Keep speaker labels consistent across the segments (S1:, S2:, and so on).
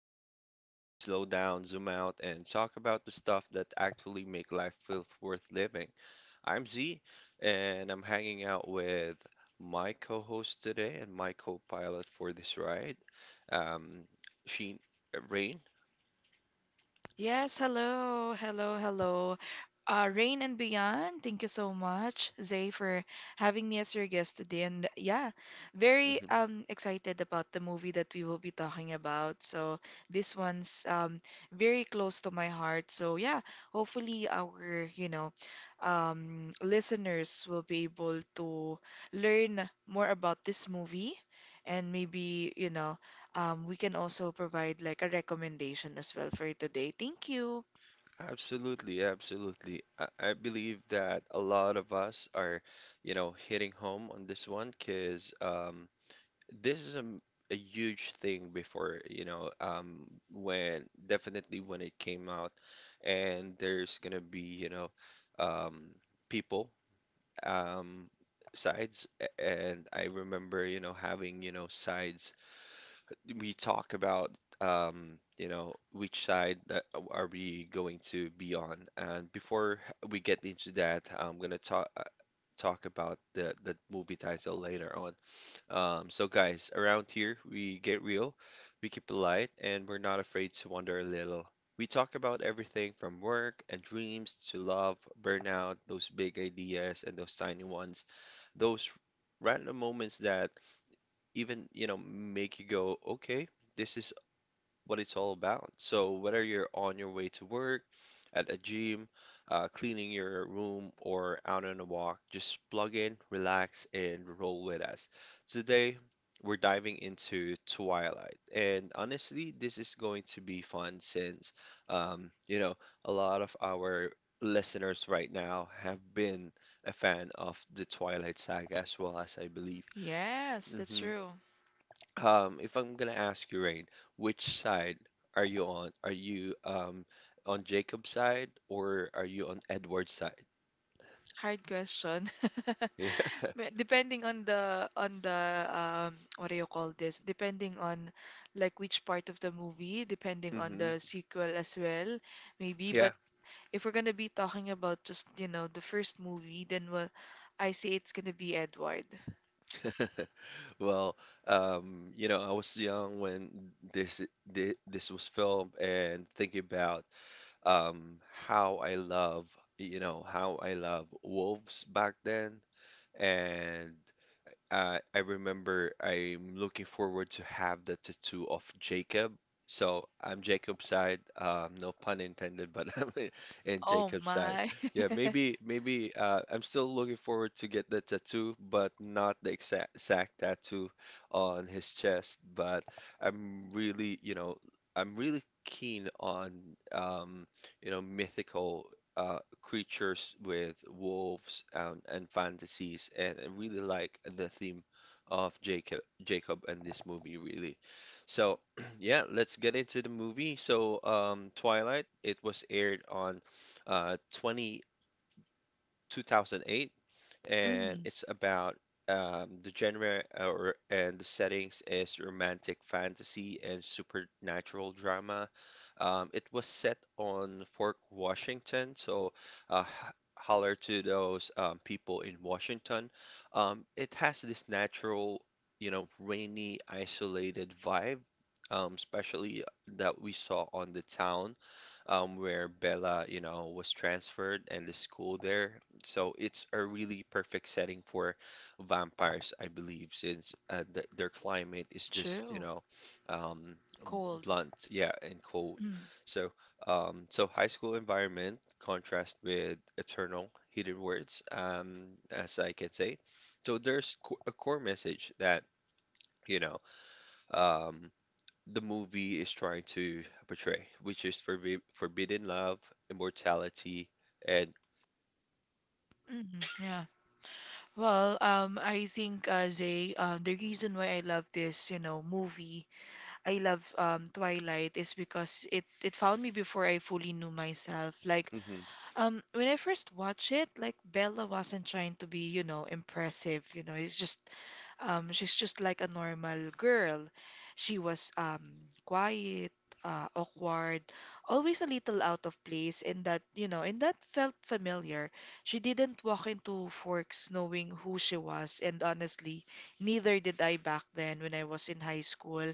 S1: the space where we slow down, zoom out, and talk about the stuff that actually make life feel worth living. I'm Z, and I'm hanging out with my co-host today and my co-pilot for this ride, um, Sheen, Rain.
S2: Yes, hello, hello, hello. Rain and Beyond, thank you so much, Zay, for having me as your guest today. And yeah, very
S1: Mm-hmm.
S2: excited about the movie that we will be talking about. So this one's very close to my heart. So yeah, hopefully our listeners will be able to learn more about this movie and maybe, we can also provide like a recommendation as well for today. Thank you.
S1: Absolutely, absolutely. I believe that a lot of us are, you know, hitting home on this one, because this is a huge thing before, when, definitely, when it came out, and there's gonna be, um, people, um, sides, and I remember, you know, having, you know, sides we talk about, which side that are we going to be on. And before we get into that, I'm gonna talk about the movie title later on. So guys, around here we get real, we keep it light, and we're not afraid to wander a little. We talk about everything from work and dreams to love, burnout, those big ideas and those tiny ones, those random moments that even, you know, make you go, okay, this is what it's all about. So, whether you're on your way to work, at a gym, cleaning your room, or out on a walk, just plug in, relax, and roll with us. Today, we're diving into Twilight. And honestly, this is going to be fun since, you know, a lot of our listeners right now have been a fan of the Twilight saga as well, as I believe.
S2: Yes, that's
S1: Mhm.
S2: true.
S1: If I'm gonna ask you, Rain, which side are you on? Are you on Jacob's side or are you on Edward's side?
S2: Hard question.
S1: Yeah.
S2: Depending on the, what do you call this? Depending on like which part of the movie, depending on
S1: Hmm.
S2: the sequel as well, maybe. But
S1: Yeah.
S2: if we're gonna be talking about just, you know, the first movie, then well, I say it's gonna be Edward.
S1: Well, you know, I was young when this was filmed, and thinking about um how I love, you know, how I love wolves back then, and I remember I'm looking forward to have the tattoo of Jacob. So I'm Jacob's side. No pun intended, but I'm in
S2: Oh
S1: Jacob's side.
S2: my.
S1: Yeah, maybe I'm still looking forward to get the tattoo, but not the exact, exact tattoo on his chest. But I'm really, keen on, um, you know, mythical creatures with wolves, and fantasies, and I really like the theme of Jacob and this movie, really. So yeah, let's get into the movie. So, Twilight, it was aired on 20 2008, and
S2: Mm,
S1: it's about, the genre or and the settings is romantic fantasy and supernatural drama. It was set on Fort Washington, so holler to those, people in Washington. It has this natural, you know, rainy, isolated vibe. Especially that we saw on the town, where Bella, you know, was transferred, and the school there, so it's a really perfect setting for vampires, I believe, since th their climate is just,
S2: true.
S1: um,
S2: Cold.
S1: blunt, yeah, and cold.
S2: Mm,
S1: So, high school environment contrast with eternal hidden words, as I can say. So there's co a core message that, you know, um, the movie is trying to portray, which is forbidden love, immortality, and
S2: yeah. Well, I think as a the reason why I love this, you know, movie, I love Twilight, is because it found me before I fully knew myself. Like
S1: Hmm.
S2: when I first watched it, like Bella wasn't trying to be, you know, impressive. You know, it's just she's just like a normal girl. She was quiet, awkward, always a little out of place, and that felt familiar. She didn't walk into Forks knowing who she was, and honestly, neither did I back then when I was in high school.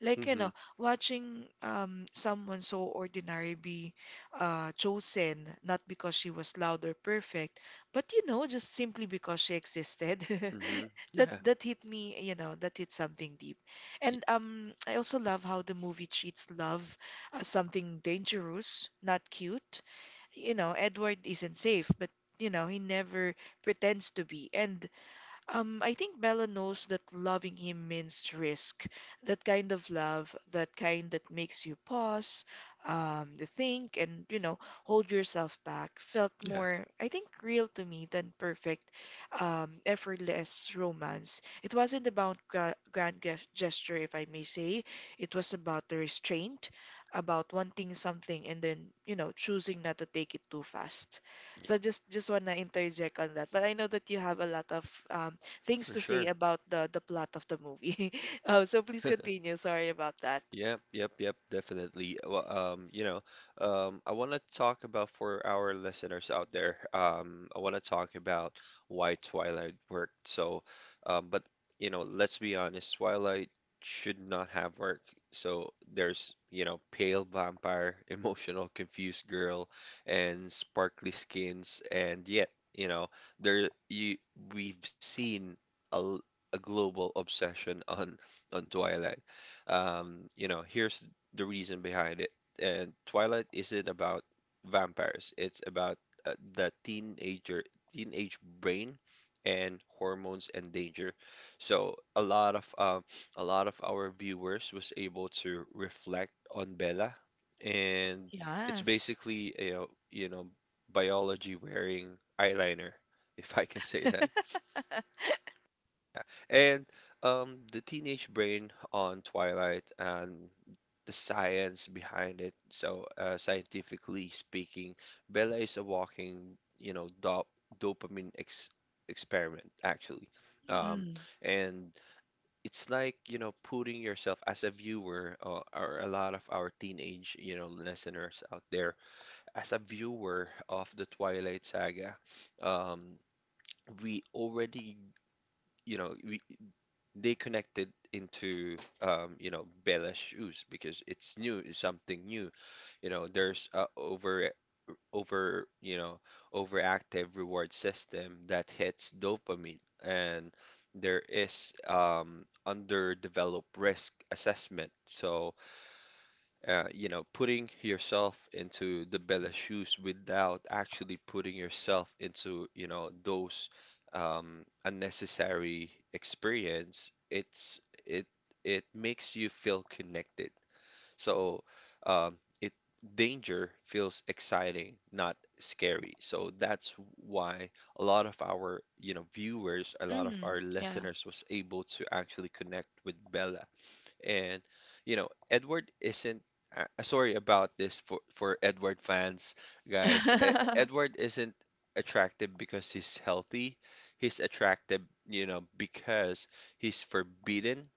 S2: Like, you
S1: Hmm.
S2: know, watching someone so ordinary be chosen, not because she was loud or perfect, but you know, just simply because she existed.
S1: Hmm.
S2: That
S1: Yeah.
S2: that hit me, you know, that hit something deep. And I also love how the movie treats love as something dangerous, not cute. You know, Edward isn't safe, but you know, he never pretends to be. And I think Bella knows that loving him means risk. That kind of love, that kind that makes you pause, um, think, and you know, hold yourself back, felt
S1: Yeah,
S2: more, I think, real to me than perfect, effortless romance. It wasn't about gesture, if I may say. It was about the restraint, about wanting something and then, you know, choosing not to take it too fast. So just wanna interject on that. But I know that you have a lot of um things
S1: for
S2: to say
S1: sure.
S2: about the plot of the movie. Oh, so please continue. Sorry about that.
S1: Yep, yep, yep, definitely. Well, I want to talk about, for our listeners out there. I want to talk about why Twilight worked. But you know, let's be honest, Twilight should not have worked. So there's, you know, pale vampire, emotional, confused girl, and sparkly skins, and yet, you know, there you we've seen a, l- a global obsession on Twilight. Here's the reason behind it. And Twilight isn't about vampires. It's about the teenage brain, and hormones and danger. So a lot of our viewers was able to reflect on Bella, and it's
S2: Yes.
S1: basically, you know, biology wearing eyeliner, if I can say that. And, the teenage brain on Twilight and the science behind it. So, scientifically speaking, Bella is a walking, you know, dopamine ex experiment, actually. Um,
S2: Mm.
S1: and it's like, you know, putting yourself as a viewer, or a lot of our teenage, you know, listeners out there, as a viewer of the Twilight Saga, um, we already, you know, we they connected into, Bella shoes, because it's new, it's something new. You know, there's a over over you know overactive reward system that hits dopamine, and there is, underdeveloped risk assessment. So you know, putting yourself into the Bella's shoes without actually putting yourself into, you know, those, unnecessary experience, it it makes you feel connected. So, it danger feels exciting, not scary. So that's why a lot of our, you know, viewers, a lot of
S2: Mm.
S1: our
S2: Yeah.
S1: listeners was able to actually connect with Bella, and, you know, Edward isn't, sorry about this, for Edward fans, guys. E- Edward isn't attractive because he's healthy. He's attractive, you know, because he's forbidden,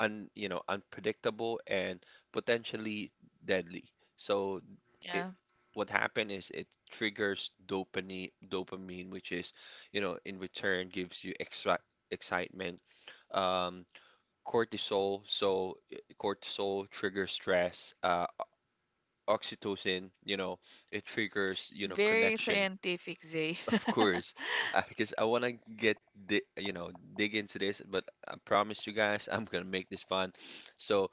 S1: unpredictable, and potentially deadly. So it,
S2: Yeah.
S1: what happened is it triggers dopamine, which is, you know, in return gives you extra excitement, um cortisol. So, cortisol triggers stress. Oxytocin, you know, it triggers, you know,
S2: Very
S1: connection.
S2: scientific, Zay.
S1: Of course, because I want to get di you know dig into this, but I promise you guys I'm gonna make this fun. So,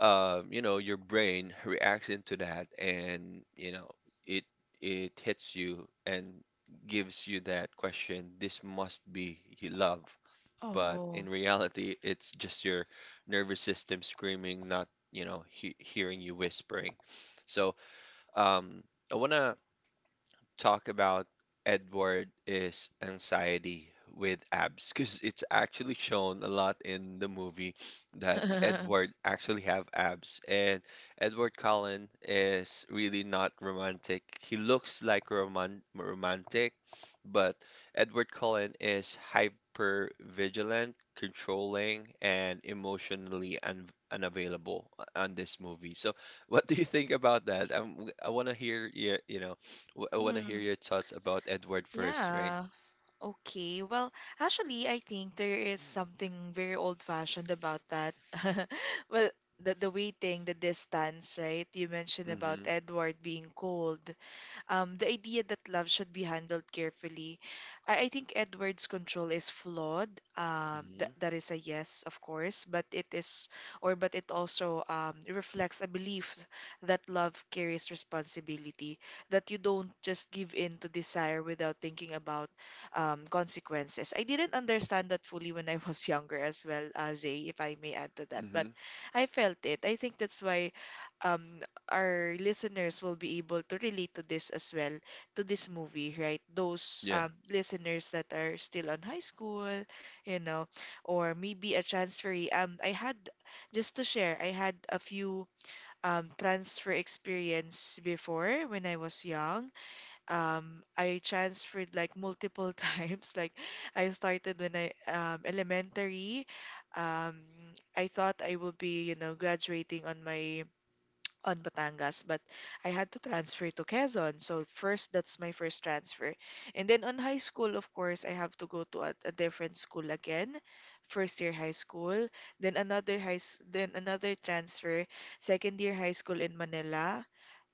S1: you know, your brain reacts into that, and you know, it it hits you and gives you that question. This must be love, but in
S2: Oh.
S1: reality, it's just your nervous system screaming, not, you know, hearing you whispering. So, um, I want to talk about Edward is anxiety with abs, because it's actually shown a lot in the movie that Edward actually have abs. And Edward Cullen is really not romantic. He looks like romantic, but Edward Cullen is hyper vigilant, controlling, and emotionally un unavailable, on this movie. So, what do you think about that? I want to hear your,
S2: Mm,
S1: thoughts about Edward first, right?
S2: yeah. Okay. Well, actually, I think there is something very old-fashioned about that. Well, the waiting, the distance, right? You mentioned about
S1: Mm-hmm.
S2: Edward being cold. The idea that love should be handled carefully. I think Edward's control is flawed. That that
S1: Mm-hmm.
S2: is a yes, of course, but it is, or but it also reflects a belief that love carries responsibility, that you don't just give in to desire without thinking about consequences. I didn't understand that fully when I was younger as well, Zay, if I may add to that,
S1: Mm-hmm.
S2: but I felt it. I think that's why um, our listeners will be able to relate to this as well, to this movie, right? Those
S1: Yeah.
S2: listeners that are still on high school, you know, or maybe a transferee. I had, just to share, I had a few transfer experience before when I was young. I transferred like multiple times. Like I started when I elementary. Um, I thought I will be, you know, graduating on my on Batangas, but I had to transfer to Quezon. So first, that's my first transfer. And then on high school, of course, I have to go to a different school again, first year high school, then another then another transfer, second year high school in Manila,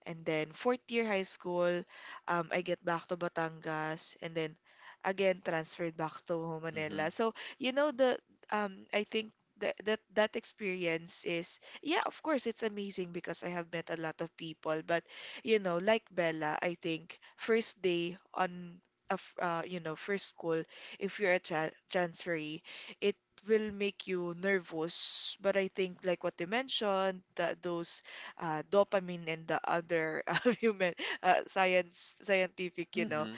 S2: and then fourth year high school, I get back to Batangas and then again transferred back to
S1: Mm-hmm.
S2: Manila. So, you know, the I think that that experience is yeah, of course it's amazing because I have met a lot of people, but you know, like Bella, I think first day on a f you know, first school, if you're a transferee, it will make you nervous. But I think like what you mentioned, that those dopamine and the other human science scientific you know
S1: Mm-hmm.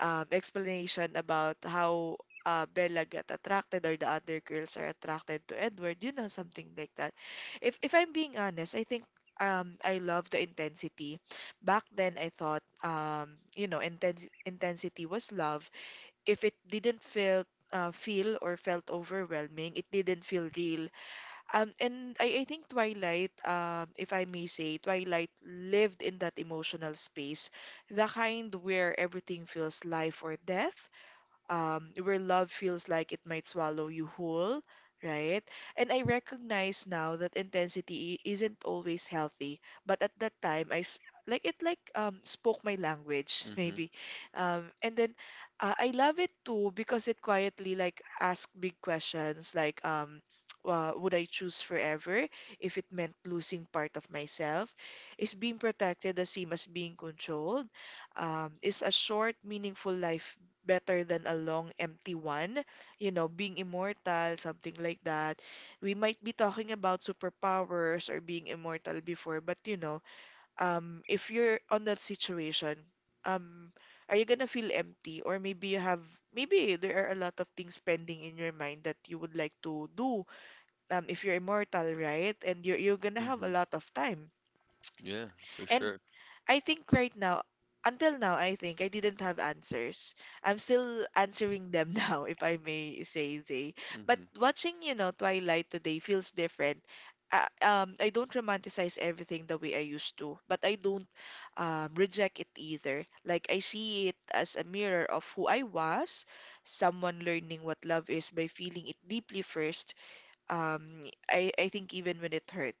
S2: explanation about how Bella got attracted or the other girls are attracted to Edward, you know, something like that. If I'm being honest, I think I love the intensity back then. I thought you know, intensity was love. If it didn't feel feel or felt overwhelming, it didn't feel real. And I think Twilight, if I may say, Twilight lived in that emotional space, the kind where everything feels life or death, where love feels like it might swallow you whole, right? And I recognize now that intensity isn't always healthy, but at that time like it spoke my language,
S1: Mm-hmm.
S2: maybe, and then I love it too because it quietly like asked big questions like. Would I choose forever if it meant losing part of myself? Is being protected the same as being controlled? Is a short, meaningful life better than a long empty one, you know, being immortal, something like that. We might be talking about superpowers or being immortal before, but you know, if you're on that situation, um, are you gonna feel empty? Or maybe you have, maybe there are a lot of things pending in your mind that you would like to do, if you're immortal, right? And you're gonna have a
S1: Mm-hmm.
S2: lot of time.
S1: Yeah, for
S2: And
S1: sure.
S2: I think right now, until now, I think I didn't have answers. I'm still answering them now, if I may say, Zay. But
S1: Mm-hmm.
S2: watching, you know, Twilight today feels different. I don't romanticize everything the way I used to, but I don't reject it either. Like, I see it as a mirror of who I was, someone learning what love is by feeling it deeply first. Um, I think even when it hurts.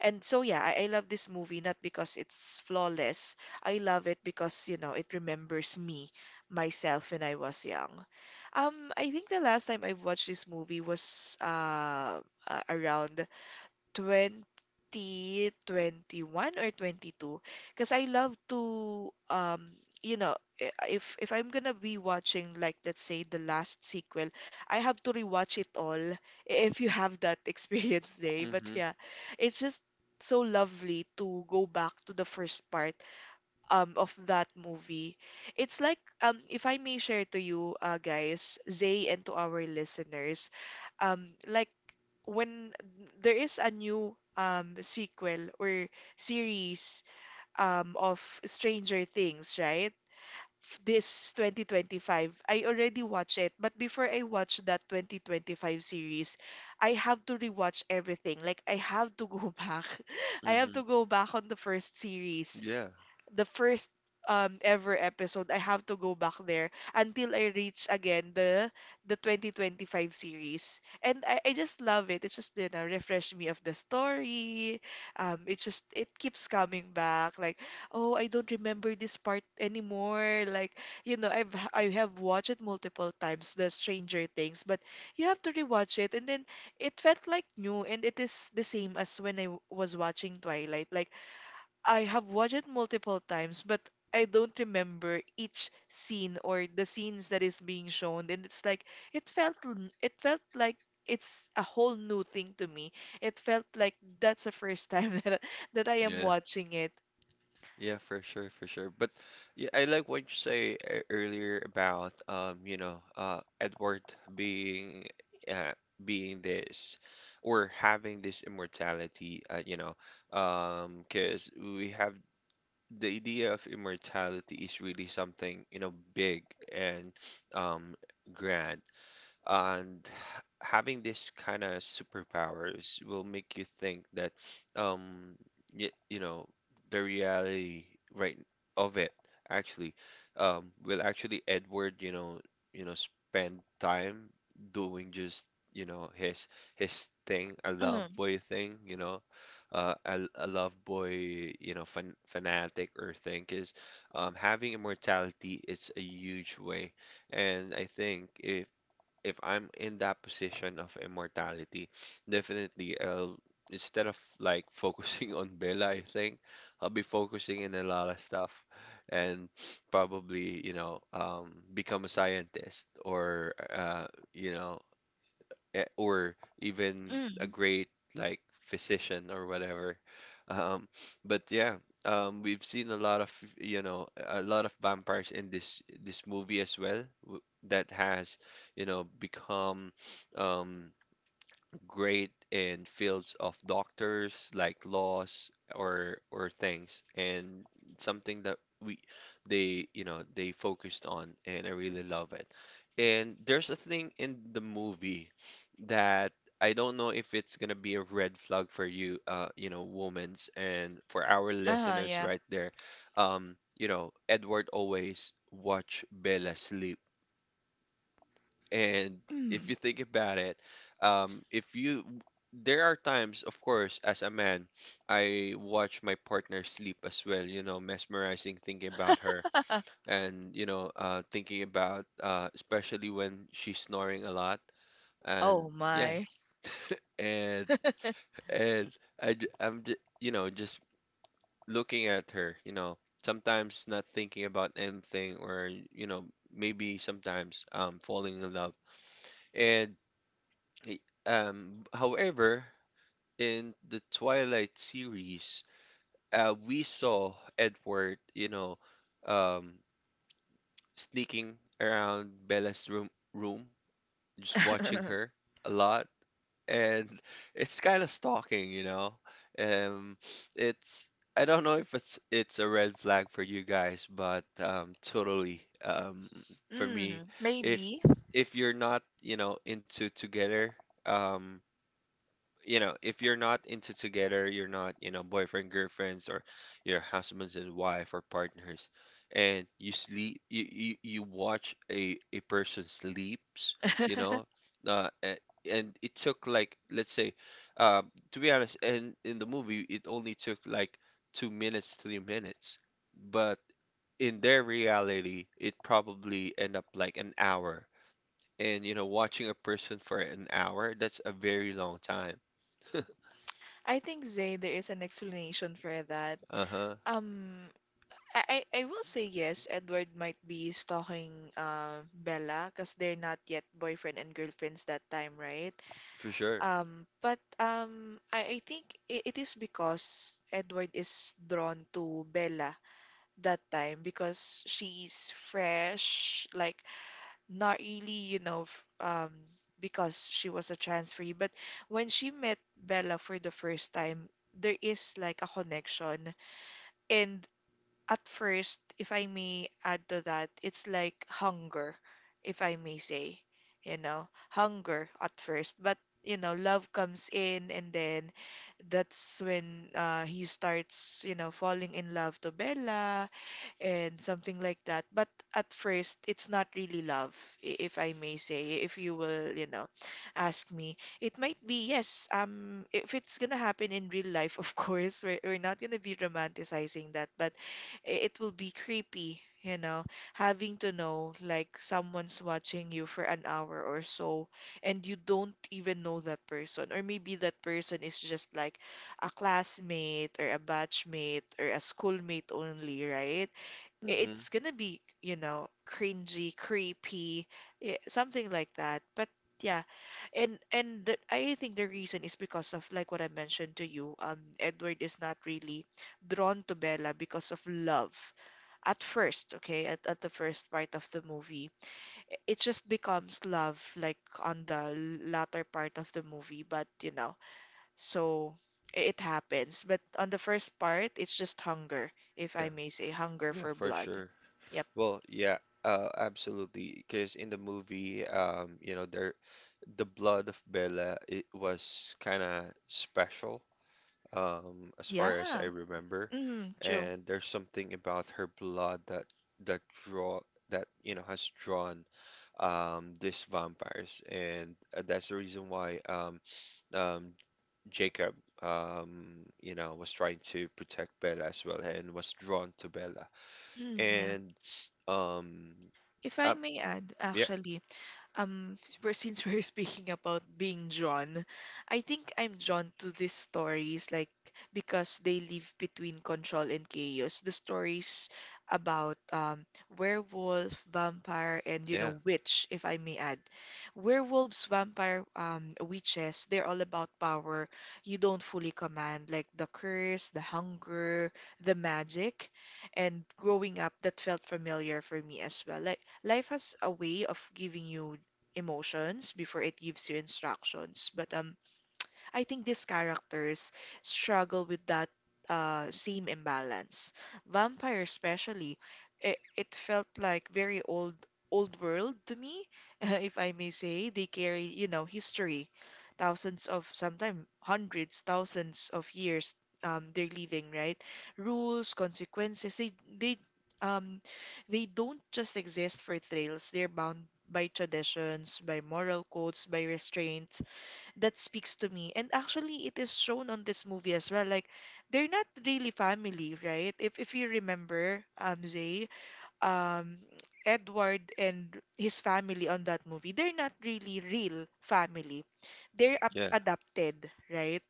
S2: And so yeah, I love this movie not because it's flawless. I love it because, you know, it remembers me, myself when I was young. I think the last time I watched this movie was around 2021 or 22 because I love to you know if I'm gonna be watching like let's say the last sequel, I have to rewatch it all. If you have that experience, day, but
S1: Mm-hmm.
S2: yeah, it's just so lovely to go back to the first part of that movie. It's like, if I may share to you, uh, guys, Zay, and to our listeners, um like when there is a new sequel or series of Stranger Things, right? This 2025, I already watched it, but before I watch that 2025 series, I have to rewatch everything. Like I have to go back. I have to
S1: Mm-hmm.
S2: go back on the first series,
S1: Yeah.
S2: the first ever episode. I have to go back there until I reach again the 2025 series. And I just love it. It's just, you know, refresh me of the story. It just it keeps coming back. Like, oh, I don't remember this part anymore. Like, you know, I have watched it multiple times, the Stranger Things, but you have to rewatch it. And then it felt like new, and it is the same as when was watching Twilight. Like I have watched it multiple times, but I don't remember each scene or the scenes that is being shown. And it's like it felt like it's a whole new thing to me. It felt like that's the first time that I am
S1: Yeah.
S2: watching it.
S1: Yeah, for sure, for sure. But yeah, I like what you say earlier about, Edward being uh, being this, or having this immortality, because we have the idea of immortality is really something, you know, big, and, um, grand, and having this kind of superpowers will make you think that, um you, you know, the reality, right, of it actually, will actually Edward, you know, spend time doing just, you know, his thing, a love
S2: Mm,
S1: boy thing, you know, a love boy, you know, fanatic, or thing is, having immortality is a huge way. And I think, if I'm in that position of immortality, definitely I'll, instead of like focusing on Bella, I think I'll be focusing in a lot of stuff, and probably, become a scientist, or, you know, or even a
S2: mm.
S1: great, like, physician or whatever. Um, but yeah, we've seen a lot of, you know, a lot of vampires in this movie as well, that has, you know, become, um, great in fields of doctors, like laws or things, and something that we, they, you know, they focused on, and I really love it. And there's a thing in the movie that, I don't know if it's gonna be a red flag for you, you know, women's, and for our
S2: Ah,
S1: listeners
S2: yeah.
S1: right there, you know, Edward always watch Bella sleep. And if
S2: Mm.
S1: you think about it, if you, there are times, of course, as a man, I watch my partner sleep as well, you know, mesmerizing, thinking about her, and, you know, thinking about, especially when she's snoring a lot. And
S2: Oh
S1: yeah,
S2: my.
S1: and, and, I, j- I'm, j- you know, just looking at her, you know, sometimes not thinking about anything, or, you know, maybe sometimes, falling in love. And Y- however, in the Twilight series, we saw Edward, you know, um, sneaking around Bella's room, just watching her a lot, and it's kind of stalking, you know. Um, it's I don't know if it's a red flag for you guys, but totally, for me,
S2: Mm,
S1: if
S2: maybe.
S1: if you're not, you know, into together, um you know, if you're not into together, you're not, you know, boyfriend, girlfriends, or your husbands and wife or partners, and you sleep, you watch a person sleeps, you know, uh, a- and it took like, let's say, to be honest, and in the movie it only took like 2 minutes, 3 minutes, but in their reality it probably end up like an hour. And you know, watching a person for an hour, that's a very long time.
S2: I think Zay, there is an explanation for that.
S1: Uh-huh,
S2: Um, I, I will say yes, Edward might be stalking Bella because they're not yet boyfriend and girlfriends that time, right?
S1: for sure.
S2: But I think I it is because Edward is drawn to Bella that time because she's fresh, like not really, you know, because she was a transferee. But when she met Bella for the first time, there is like a connection. And at first, if I may add to that, it's like hunger, if I may say, you know, hunger at first, but you know, love comes in, and then that's when he starts, you know, falling in love to Bella, and something like that. But at first, it's not really love, if I may say, if you will, ask me. It might be, yes, if it's gonna happen in real life, of course, we're not gonna be romanticizing that, but it will be creepy, having to know like someone's watching you for an hour or so and you don't even know that person, or maybe that person is just like a classmate or a batchmate or a schoolmate only, right?
S1: Hmm.
S2: It's gonna be, cringy, creepy, something like that. But yeah, and I think the reason is because of like what I mentioned to you. Edward is not really drawn to Bella because of love at first, okay, at the first part of the movie. It just becomes love like on the latter part of the movie, but so it happens. But on the first part, it's just hunger, if I
S1: Yeah,
S2: may say, hunger
S1: yeah,
S2: for
S1: for
S2: blood.
S1: sure.
S2: Yep.
S1: Well, yeah, absolutely. Because in the movie, you know, the blood of Bella, it was kind of special, as far as I
S2: Yeah.
S1: remember.
S2: Mm, true.
S1: And there's something about her blood that draw that you know has drawn these vampires, and that's the reason why um, Jacob, you know, was trying to protect Bella as well and was drawn to Bella.
S2: Mm, yeah.
S1: And um,
S2: If I
S1: uh,
S2: may add,
S1: yeah,
S2: actually, Um, since we're speaking about being drawn, I think I'm drawn to these stories, like because they live between control and chaos. The stories about werewolf, vampire, and
S1: yeah,
S2: witch, if I may add. Werewolves, vampire, witches, they're all about power you don't fully command, like the curse, the hunger, the magic. And growing up, that felt familiar for me as well. Like life has a way of giving you emotions before it gives you instructions. But I think these characters struggle with that same imbalance. Vampire, especially, it felt like very old world to me, if I may say. They carry, history, thousands of sometimes hundreds, thousands of years. They're living, right? Rules, consequences. They um they don't just exist for thrills. They're bound by traditions, by moral codes, by restraint, that speaks to me. And actually, it is shown on this movie as well. Like, they're not really family, right? If you remember, Zay, um, Edward and his family on that movie, they're not really real family. They're up
S1: yeah,
S2: adopted, right?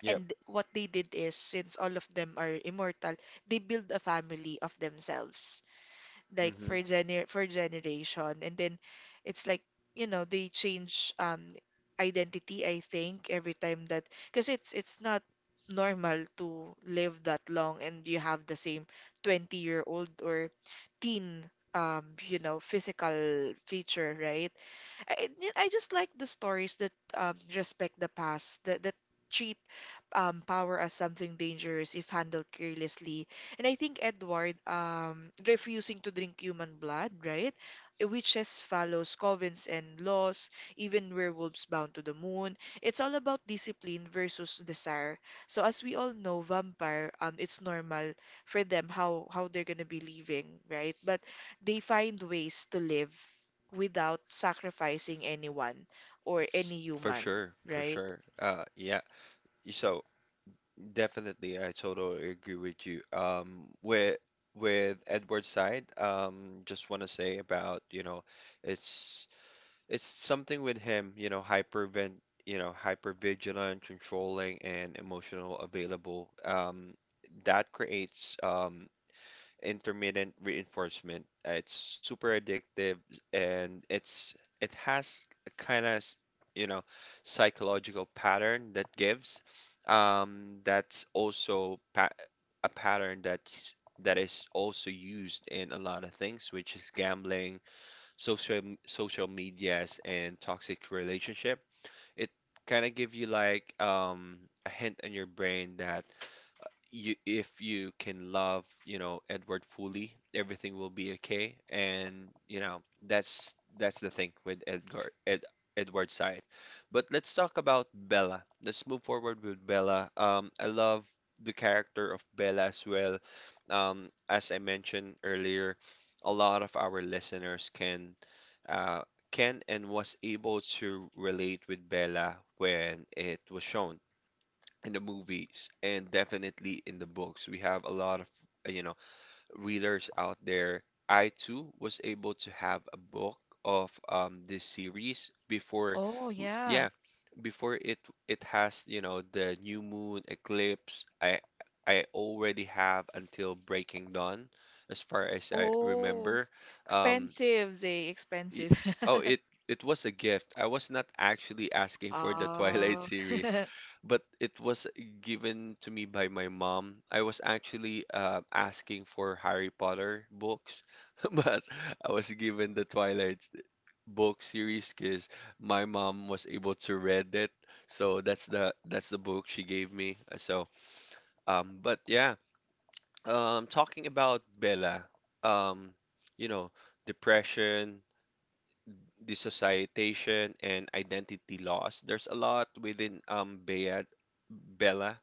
S1: yeah.
S2: And what they did is, since all of them are immortal, they build a family of themselves, like,
S1: Hmm.
S2: for generation, and then it's like they change identity, I think, every time, that because it's not normal to live that long and you have the same 20-year-old or teen physical feature, right? I just like the stories that respect the past, that treat power as something dangerous if handled carelessly. And I think Edward refusing to drink human blood, right? Witches follows covens and laws, even werewolves bound to the moon. It's all about discipline versus desire. So as we all know, vampire, it's normal for them how they're gonna be living, right? But they find ways to live without sacrificing anyone or any
S1: For
S2: human,
S1: sure, for
S2: right?
S1: sure. Yeah. So definitely, I totally agree with you. With Edward's side, just want to say about, you know, it's it's something with him, you know, hypervent, you know, hypervigilant, controlling, and emotional available. That creates intermittent reinforcement. It's super addictive, and it has a kind of, you know, psychological pattern that gives. That's also pa a pattern that is also used in a lot of things, which is gambling, social social medias and toxic relationship. It kind of give you like a hint in your brain that you if you can love, you know, Edward fully, everything will be okay. And you know, that's the thing with Edgar Ed Edward's side. But let's talk about Bella. Let's move forward with Bella. I love the character of Bella as well. As I mentioned earlier, a lot of our listeners uh, can and was able to relate with Bella when it was shown in the movies and definitely in the books. We have a lot of, you know, readers out there. I too was able to have a book of, this series before,
S2: Oh, yeah.
S1: yeah, before it has, you know, the new moon eclipse. I already have until Breaking Dawn, as far as I
S2: Oh,
S1: remember. Um,
S2: expensive, Zay,
S1: y-
S2: expensive.
S1: oh, it was a gift. I was not actually asking for the Twilight
S2: Ah,
S1: series, but it was given to me by my mom. I was actually asking for Harry Potter books, but I was given the Twilight book series because my mom was able to read it. So that's the book she gave me. So but yeah, talking about Bella, um, you know, depression dissociation and identity loss. There's a lot within Bella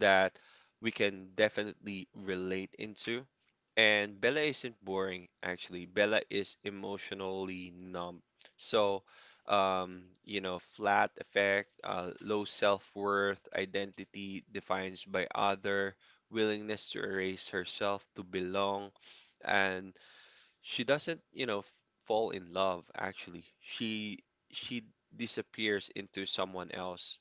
S1: that we can definitely relate into. And Bella isn't boring, actually. Bella is emotionally numb. So, you know, flat effect, low self-worth, identity defined by other, willingness to erase herself to belong, and she doesn't, you know, fall in love actually. She disappears into someone else.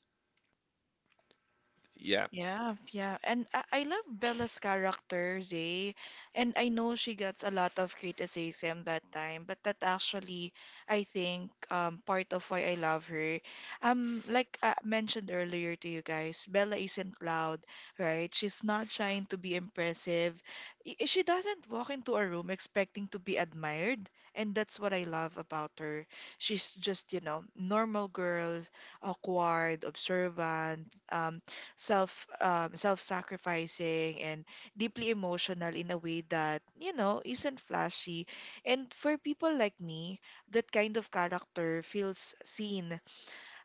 S1: Yeah.
S2: Yeah, yeah. And I love Bella's character, Zay. And I know she gets a lot of criticism that time, but that actually, I think, part of why I love her. Like I mentioned earlier to you guys, Bella isn't loud, right? She's not trying to be impressive. She doesn't walk into a room expecting to be admired. And that's what I love about her. She's just, normal girl, awkward, observant, self-sacrificing, and deeply emotional in a way that isn't flashy. And for people like me, that kind of character feels seen.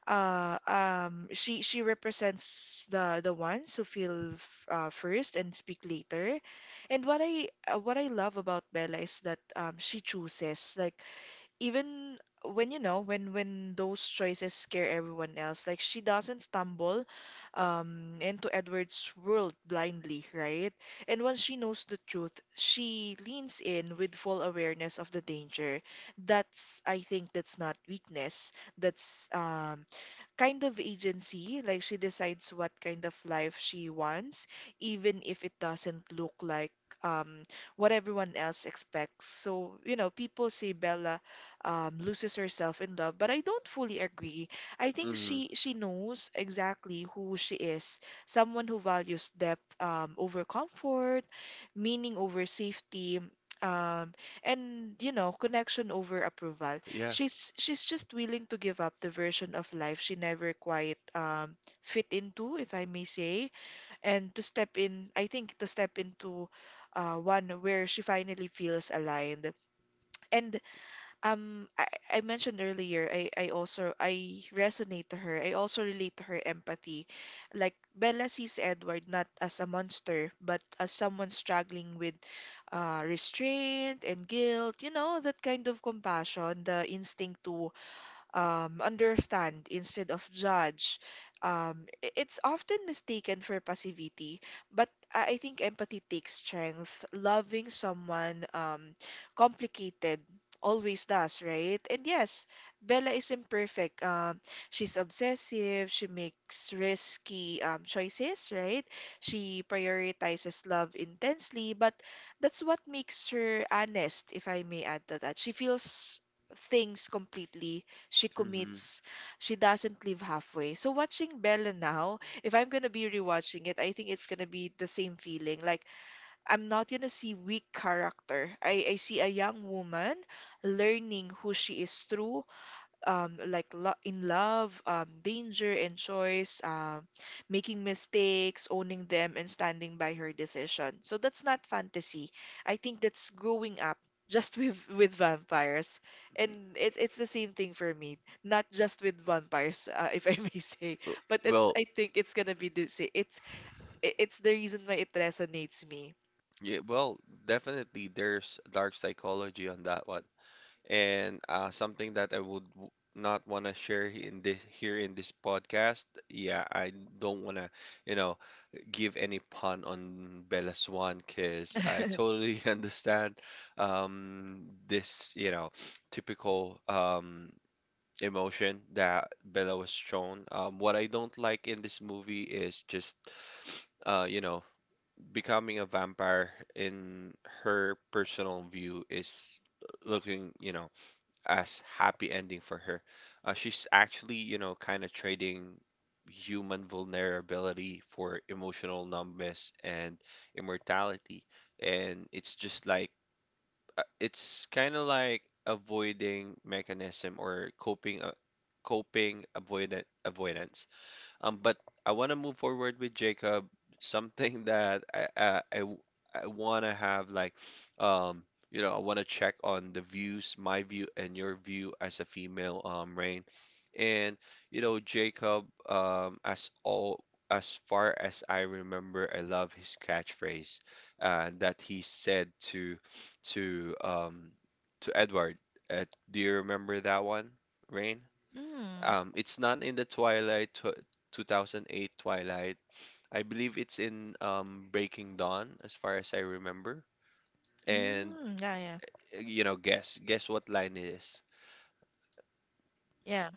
S2: She represents the ones who feel first and speak later. And what I love about Bella is that she chooses, like, even when you know when those choices scare everyone else, like she doesn't stumble into Edward's world blindly, right? And once she knows the truth, she leans in with full awareness of the danger. That's, I think, that's not weakness, that's kind of agency. Like she decides what kind of life she wants, even if it doesn't look like um, what everyone else expects. So, people say Bella loses herself in love, but I don't fully agree. I think
S1: Hmm.
S2: she knows exactly who she is, someone who values depth over comfort, meaning over safety. Um, and connection over approval.
S1: Yeah.
S2: She's just willing to give up the version of life she never quite fit into, if I may say, and to step in, I think, to step into one where she finally feels aligned. And um, I, I mentioned earlier, I also I resonate to her. I also relate to her empathy. Like Bella sees Edward not as a monster, but as someone struggling with restraint and guilt. That kind of compassion, the instinct to understand instead of judge. It's often mistaken for passivity, but I think empathy takes strength. Loving someone complicated always does, right? And yes, Bella is imperfect. She's obsessive. She makes risky choices, right? She prioritizes love intensely, but that's what makes her honest, if I may add to that. She feels things completely. She
S1: Hmm.
S2: commits. She doesn't leave halfway. So watching Bella now, if I'm gonna be rewatching it, I think it's gonna be the same feeling. Like I'm not gonna see weak character. I see a young woman learning who she is through like, lo in love, danger and choice, making mistakes, owning them, and standing by her decision. So that's not fantasy. I think that's growing up, just with vampires, and it's the same thing for me. Not just with vampires, if I may say, but it's,
S1: Well,
S2: I think, it's gonna be the sa- it's I- it's the reason why it resonates me.
S1: yeah, well, definitely there's dark psychology on that one. And something that I would not want to share in this here in this podcast. Yeah, I don't want to, you know, give any pun on Bella Swan because I totally understand this, you know, typical emotion that Bella was shown. What I don't like in this movie is just, you know, becoming a vampire in her personal view is looking, you know, as happy ending for her. She's actually, you know, kind of trading human vulnerability for emotional numbness and immortality. And it's just like it's kind of like avoiding mechanism or coping coping avoidant avoidance, but I want to move forward with Jacob. Something that I want to have like, um, you know, I want to check on the views, my view and your view as a female, Rain. And you know, Jacob, as far as I remember, I love his catchphrase, that he said to um to Edward. Uh, do you remember that one, Rain?
S2: Mm.
S1: It's not in the Twilight tw 2008 Twilight. I believe it's in, Breaking Dawn, as far as I remember. And
S2: Mm, yeah,
S1: you know, guess what line it is.
S2: yeah.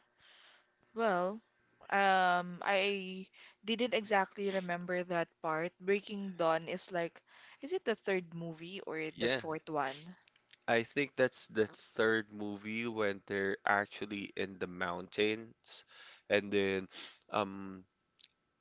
S2: Well, I didn't exactly remember that part. Breaking Dawn is like, is it the third movie or the
S1: Yeah,
S2: fourth one?
S1: I think that's the third movie when they're actually in the mountains, and then, um,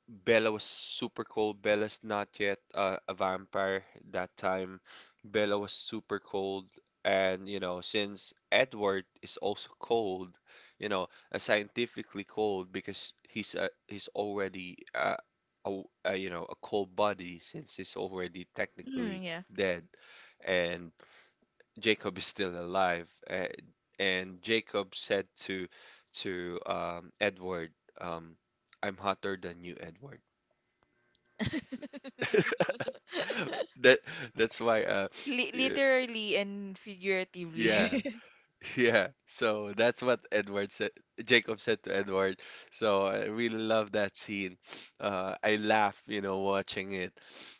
S1: Bella was super cold. Bella's not yet a vampire that time. Bella was super cold. And, you know, since Edward is also cold, you know, scientifically cold because he's already you know, a cold body since he's already technically
S2: Mm, yeah.
S1: dead. And Jacob is still alive. And Jacob said to Edward, um, I'm hotter than you, Edward. that that's why
S2: Li
S1: y-
S2: literally and
S1: yeah.
S2: figuratively.
S1: Yeah, so that's what edward said jacob said to Edward. So I really love that scene. Uh, I laugh, you know, watching it.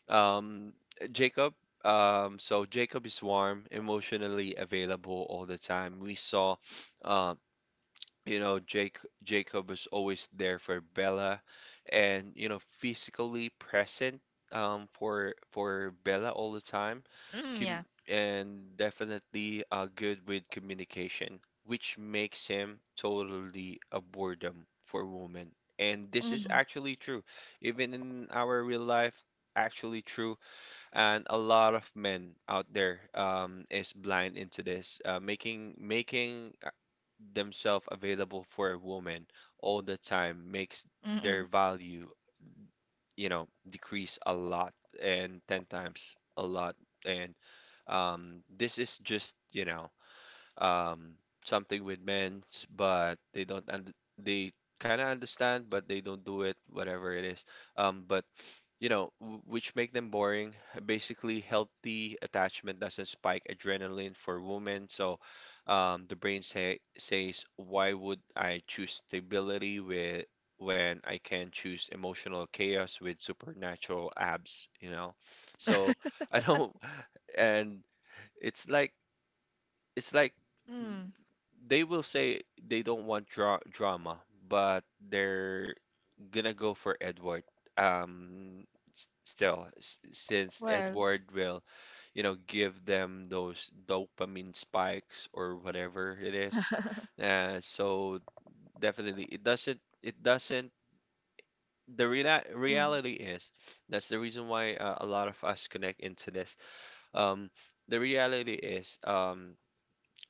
S1: Um jacob so Jacob is warm, emotionally available all the time. We saw, um you know, Jake Jacob was always there for Bella, and, you know, physically present for Bella all the time.
S2: Mm,
S1: com-
S2: yeah.
S1: and definitely good with communication, which makes him totally a boredom for women. And this is
S2: Mm,
S1: actually true, even in our real life, actually true. And a lot of men out there is blind into this, making themselves available for a woman all the time makes
S2: mm, mm,
S1: their value, you know, decrease a lot and 10 times a lot. And this is just, you know, um, something with men, but they don't und they kind of understand, but they don't do it, whatever it is. But you know, which make them boring. Basically, healthy attachment doesn't spike adrenaline for women, so, says, why would I choose stability with when I can choose emotional chaos with supernatural abs, you know? So I don't. And it's like it's like
S2: mm.
S1: they will say they don't want drama, but they're gonna go for Edward. Um, since
S2: Well,
S1: Edward will, you know, give them those dopamine spikes or whatever it is. So definitely, it doesn't. It doesn't. The
S2: mm,
S1: reality is that's the reason why a lot of us connect into this. Um, the reality is,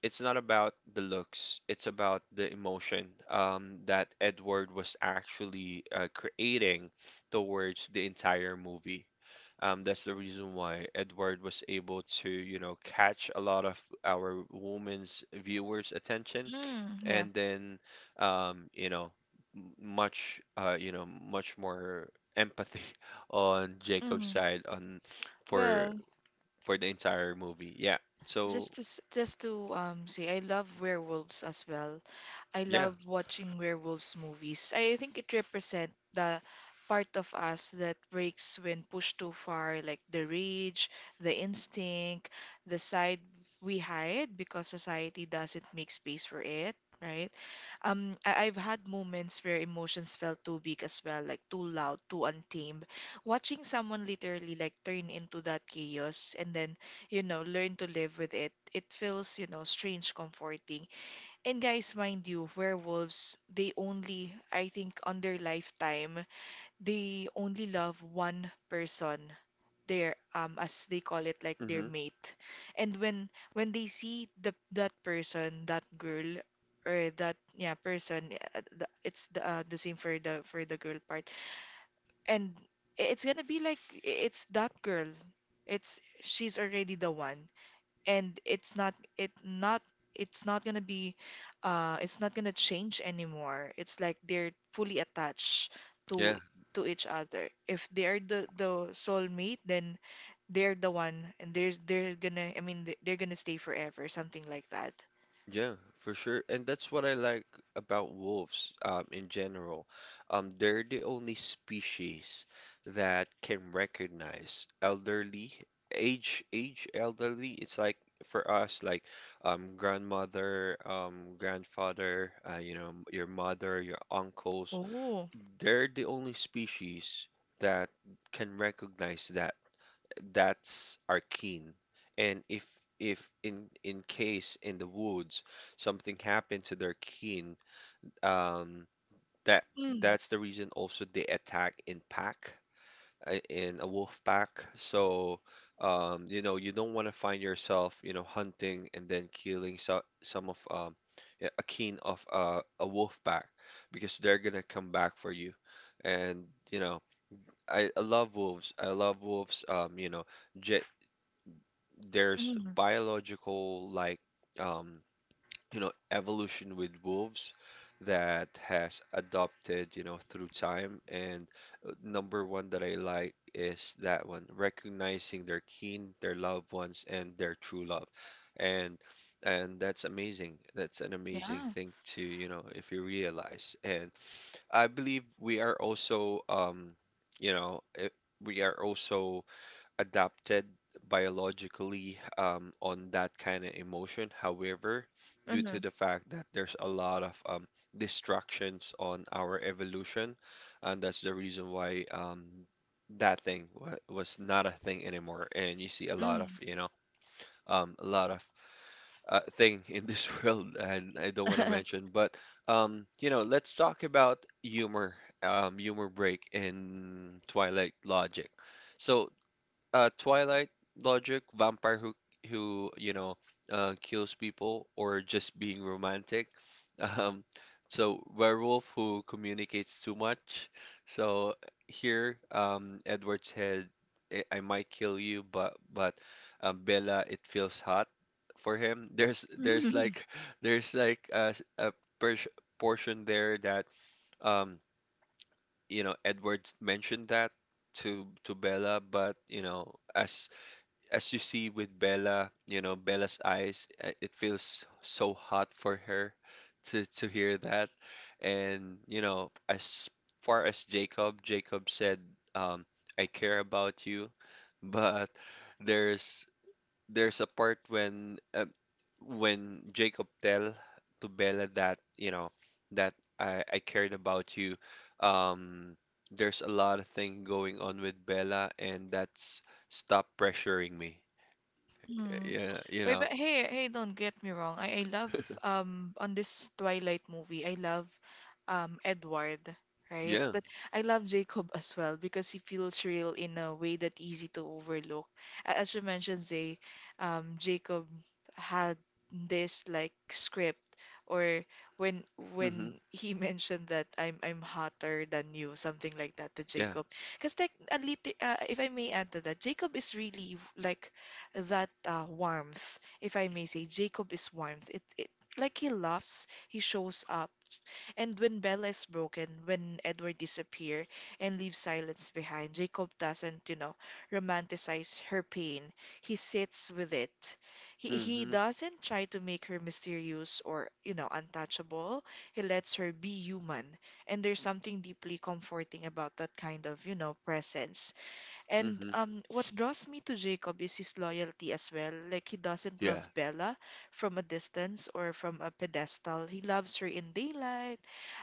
S1: it's not about the looks, it's about the emotion that Edward was actually creating towards the entire movie. That's the reason why Edward was able to, you know, catch a lot of our women's viewers' attention,
S2: mm, yeah.
S1: and then, you know, you know, much more empathy on Jacob's
S2: Mm.
S1: side on for
S2: Well,
S1: the entire movie. Yeah. So,
S2: just to say, I love werewolves as well. I
S1: yeah.
S2: love watching werewolves movies. I think it represents the part of us that breaks when pushed too far, like the rage, the instinct, the side we hide because society doesn't make space for it, right? I've had moments where emotions felt too big as well, like too loud, too untamed. Watching someone literally like turn into that chaos and then, learn to live with it. It feels, strange comforting. And guys, mind you, werewolves, they only, I think, on their lifetime, they only love one person, their as they call it, like their
S1: Hmm.
S2: mate. And when they see the that person, that girl or that yeah person, it's the same for the girl part, and it's gonna be like, it's that girl, it's she's already the one, and it's not it not it's not gonna be it's not gonna change anymore. It's like they're fully attached to
S1: Yeah,
S2: each other. If they're the soulmate, then they're the one, and there's they're gonna, I mean, they're gonna stay forever, something like that.
S1: yeah, for sure. And that's what I like about wolves, in general. They're the only species that can recognize elderly, age elderly. It's like for us, like, grandmother, grandfather, you know, your mother, your uncles.
S2: Oh.
S1: They're the only species that can recognize that, that's are keen. And if in in case in the woods something happened to their kin, um, that
S2: Mm.
S1: that's the reason also they attack in pack, in a wolf pack. So, you know, you don't want to find yourself, you know, hunting and then killing, so, some of, yeah, a kin of, a wolf pack, because they're gonna come back for you. And you know, I love wolves. I love wolves. You know. Ge There's
S2: Mm.
S1: biological like, um you know, evolution with wolves that has adopted, you know, through time. And number one that I like is that one, recognizing their kin, their loved ones and their true love. And that's amazing, that's an amazing
S2: Yeah.
S1: thing to, you know, if you realize. And I believe we are also, you know, we are also adapted biologically, on that kind of emotion. However, due to
S2: Mm.
S1: the fact that there's a lot of, distractions on our evolution, and that's the reason why, that thing wa was not a thing anymore. And you see a lot of,
S2: Mm.
S1: you know, a lot of thing in this world, and I don't want to mention, but, you know, let's talk about humor, humor break in Twilight Logic. So, Twilight logic, vampire who you know, kills people or just being romantic. Um, so werewolf who communicates too much. So here, Edward said, I might kill you, but Bella, it feels hot for him. There's
S2: Mm.
S1: like there's like a, portion there that, um, you know, Edward mentioned that to Bella, but you know, as you see with Bella, you know, Bella's eyes, it feels so hot for her to hear that. And, you know, as far as Jacob, Jacob said, um, I care about you, but there's there's a part when Jacob tell to Bella that, you know, that I cared about you. Um, there's a lot of thing going on with Bella, and that's stop pressuring me.
S2: Mm.
S1: Yeah, you
S2: Wait,
S1: know.
S2: but hey, hey, don't get me wrong. I love on this Twilight movie, I love Edward, right?
S1: Yeah.
S2: But I love Jacob as well because he feels real in a way that easy to overlook. As you mentioned, Zay, Jacob had this like script, or when
S1: Mm-hmm.
S2: when he mentioned that I'm hotter than you, something like that to
S1: Yeah.
S2: Jacob. Because, like, a little, if I may add to that, Jacob is really like that warmth, if I may say. Jacob is warmth. It like, he laughs, he shows up. And when Bella is broken, when Edward disappears and leaves silence behind, Jacob doesn't, romanticize her pain. He sits with it. He
S1: Mm-hmm.
S2: doesn't try to make her mysterious or, untouchable. He lets her be human. And there's something deeply comforting about that kind of, presence. And
S1: Mm-hmm.
S2: what draws me to Jacob is his loyalty as well. Like, he doesn't
S1: Yeah.
S2: love Bella from a distance or from a pedestal. He loves her in daylight,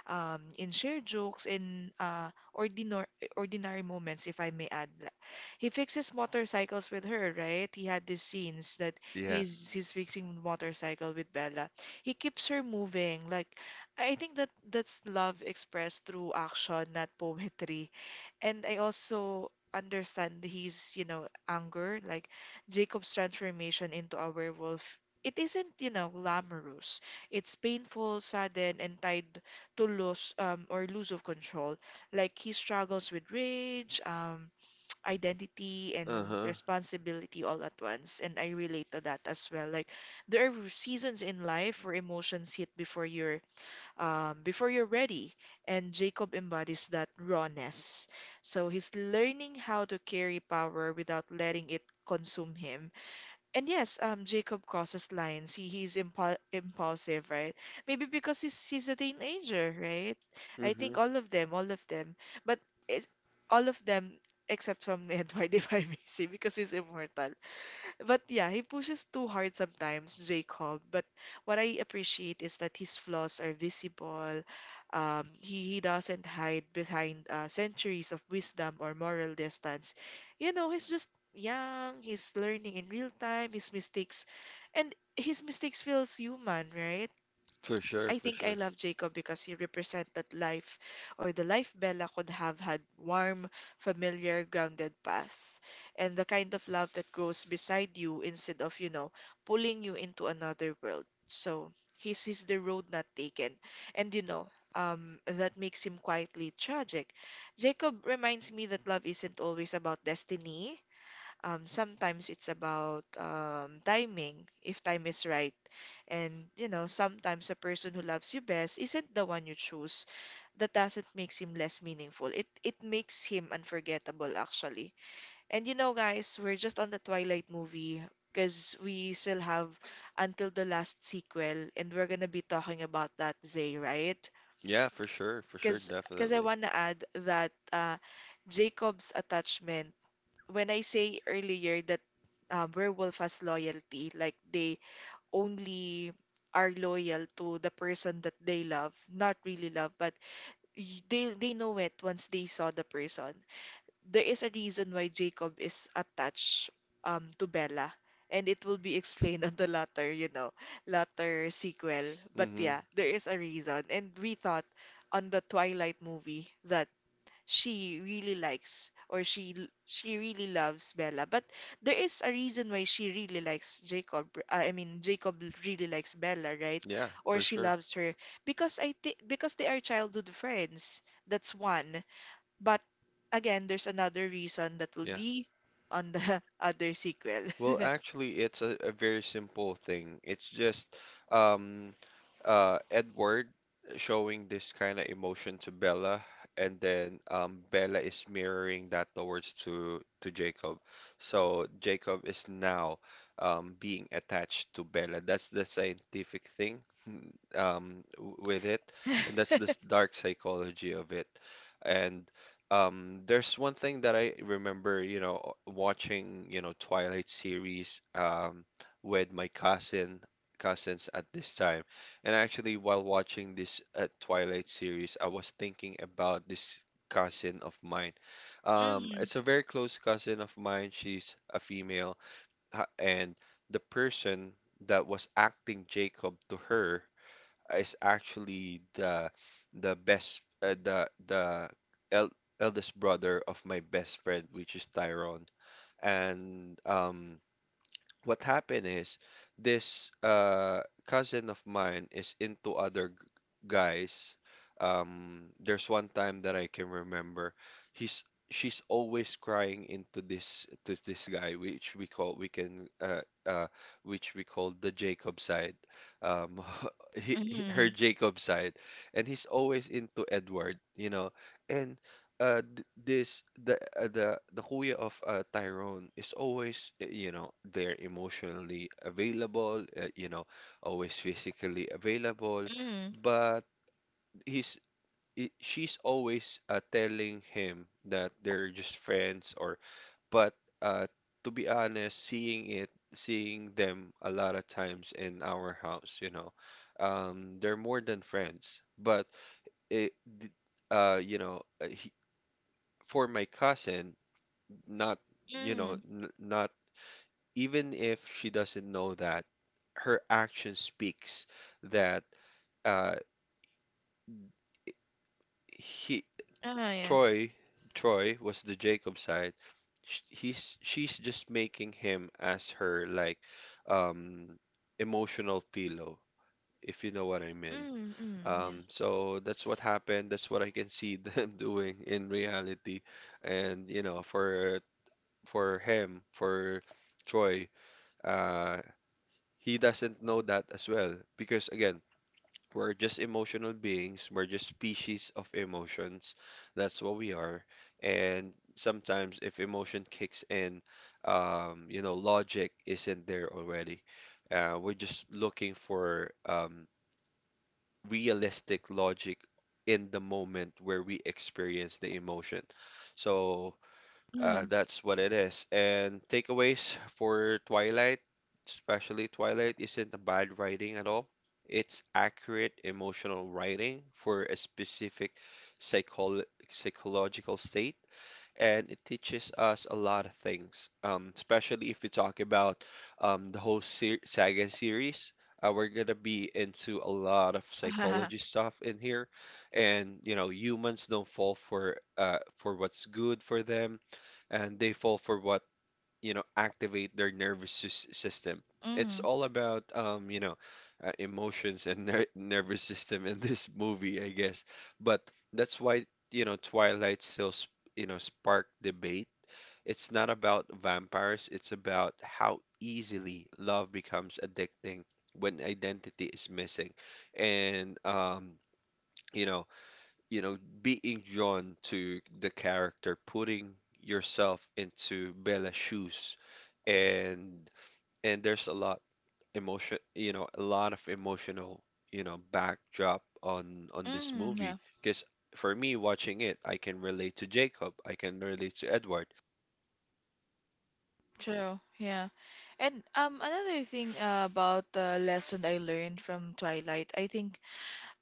S2: in shared jokes, in ordinary moments, if I may add. He fixes motorcycles with her, right? He had these scenes that
S1: Yeah.
S2: he's fixing motorcycle with Bella. He keeps her moving. Like, I think that that's love expressed through action, not poetry. And I also understand his, anger, like Jacob's transformation into a werewolf. It isn't, glamorous. It's painful, sudden, and tied to loss or lose of control. Like he struggles with rage, identity, and
S1: Uh-huh.
S2: responsibility all at once. And I relate to that as well. Like there are seasons in life where emotions hit before your before you're ready. And Jacob embodies that rawness. So he's learning how to carry power without letting it consume him. And yes, Jacob crosses lines. He's impulsive, right? Maybe because he's a teenager, right? I
S1: Mm-hmm.
S2: think all of them, but it's all of them except from Edward, if I may say, because he's immortal. But yeah, he pushes too hard sometimes, Jacob. But what I appreciate is that his flaws are visible. He doesn't hide behind centuries of wisdom or moral distance. You know, he's just young, he's learning in real time, his mistakes, and his mistakes feels human, right?
S1: For sure,
S2: I
S1: for
S2: think I
S1: sure.
S2: love Jacob because he represents that life or the life Bella could have had warm, familiar, grounded path. And the kind of love that goes beside you instead of, pulling you into another world. So he sees the road not taken. And, you know, that makes him quietly tragic. Jacob reminds me that love isn't always about destiny. Sometimes it's about timing, if time is right. And, you know, sometimes the person who loves you best isn't the one you choose. That doesn't makes him less meaningful. It makes him unforgettable, actually. And you know, guys, we're just on the Twilight movie because we still have until the last sequel, and we're gonna be talking about that, Zay, right?
S1: Yeah, for sure,
S2: Because I
S1: definitely.
S2: wanna add that Jacob's attachment when I say earlier that werewolf has loyalty, like they only are loyal to the person that they love, not really love, but they know it once they saw the person. There is a reason why Jacob is attached to Bella, and it will be explained on the latter, you know, latter sequel. But
S1: Mm-hmm.
S2: yeah, there is a reason, and we thought on the Twilight movie that she really likes or she really loves Bella. But there is a reason why she really likes Jacob. I mean, Jacob really likes Bella, right?
S1: Yeah,
S2: Or
S1: for
S2: she
S1: sure.
S2: loves her because I think because they are childhood friends. That's one. But again, there's another reason that will
S1: Yeah.
S2: be on the other sequel.
S1: It's a very simple thing. It's just um, Edward showing this kind of emotion to Bella, and then Bella is mirroring that towards to Jacob. So Jacob is now being attached to Bella. That's the scientific thing with it. And that's this dark psychology of it. And there's one thing that I remember, you know, watching, you know, Twilight series with my cousins at this time. And actually, while watching this Twilight series, I was thinking about this cousin of mine.
S2: Mm,
S1: It's a very close cousin of mine. She's a female, and the person that was acting Jacob to her is actually the best the el eldest brother of my best friend, which is Tyrone. And what happened is this cousin of mine is into guys. There's one time that I can remember. He's She's always crying into this to this guy, which we call we can uh which we call the Jacob side. Um, her
S2: mm,
S1: Jacob side, and he's always into Edward, you know, and th- this the kuya of Tyrone is always you know there emotionally available, always physically available
S2: mm,
S1: but he's I she's always telling him that they're just friends or but uh to be honest, seeing it seeing them a lot of times in our house, you know, they're more than friends. But it d- you know, for my cousin, not,
S2: mm.
S1: not even if she doesn't know that, her action speaks that uh he
S2: Oh, yeah.
S1: Troy Troy was the Jacob side. Sh- He's She's just making him as her like um emotional pillow, if you know what I mean.
S2: Mm, mm, yeah.
S1: So that's what happened. That's what I can see them doing in reality. And you know, for Troy, uh, he doesn't know that as well, because again we're just emotional beings, we're just species of emotions, that's what we are. And sometimes if emotion kicks in, you know, logic isn't there already. We're just looking for realistic logic in the moment where we experience the emotion. So
S2: Mm.
S1: that's what it is. And takeaways for Twilight, especially Twilight, isn't a bad writing at all. It's accurate emotional writing for a specific psychol psychological state, and it teaches us a lot of things, especially if we talk about the whole ser saga series. We're gonna be into a lot of psychology stuff in here, and you know, humans don't fall for what's good for them, and they fall for what, you know, activate their system. It's
S2: Mm,
S1: all about you know, emotions and nervous system in this movie, I guess. But that's why, you know, Twilight still you know, spark debate. It's not about vampires, it's about how easily love becomes addicting when identity is missing. And you know, being drawn to the character, putting yourself into Bella's shoes, and there's a lot emotion, you know, a lot of emotional, you know, backdrop on this
S2: mm, yeah.
S1: movie. Because for me, watching it, I can relate to Jacob, I can relate to Edward.
S2: True, yeah. And another thing about the lesson I learned from Twilight, I think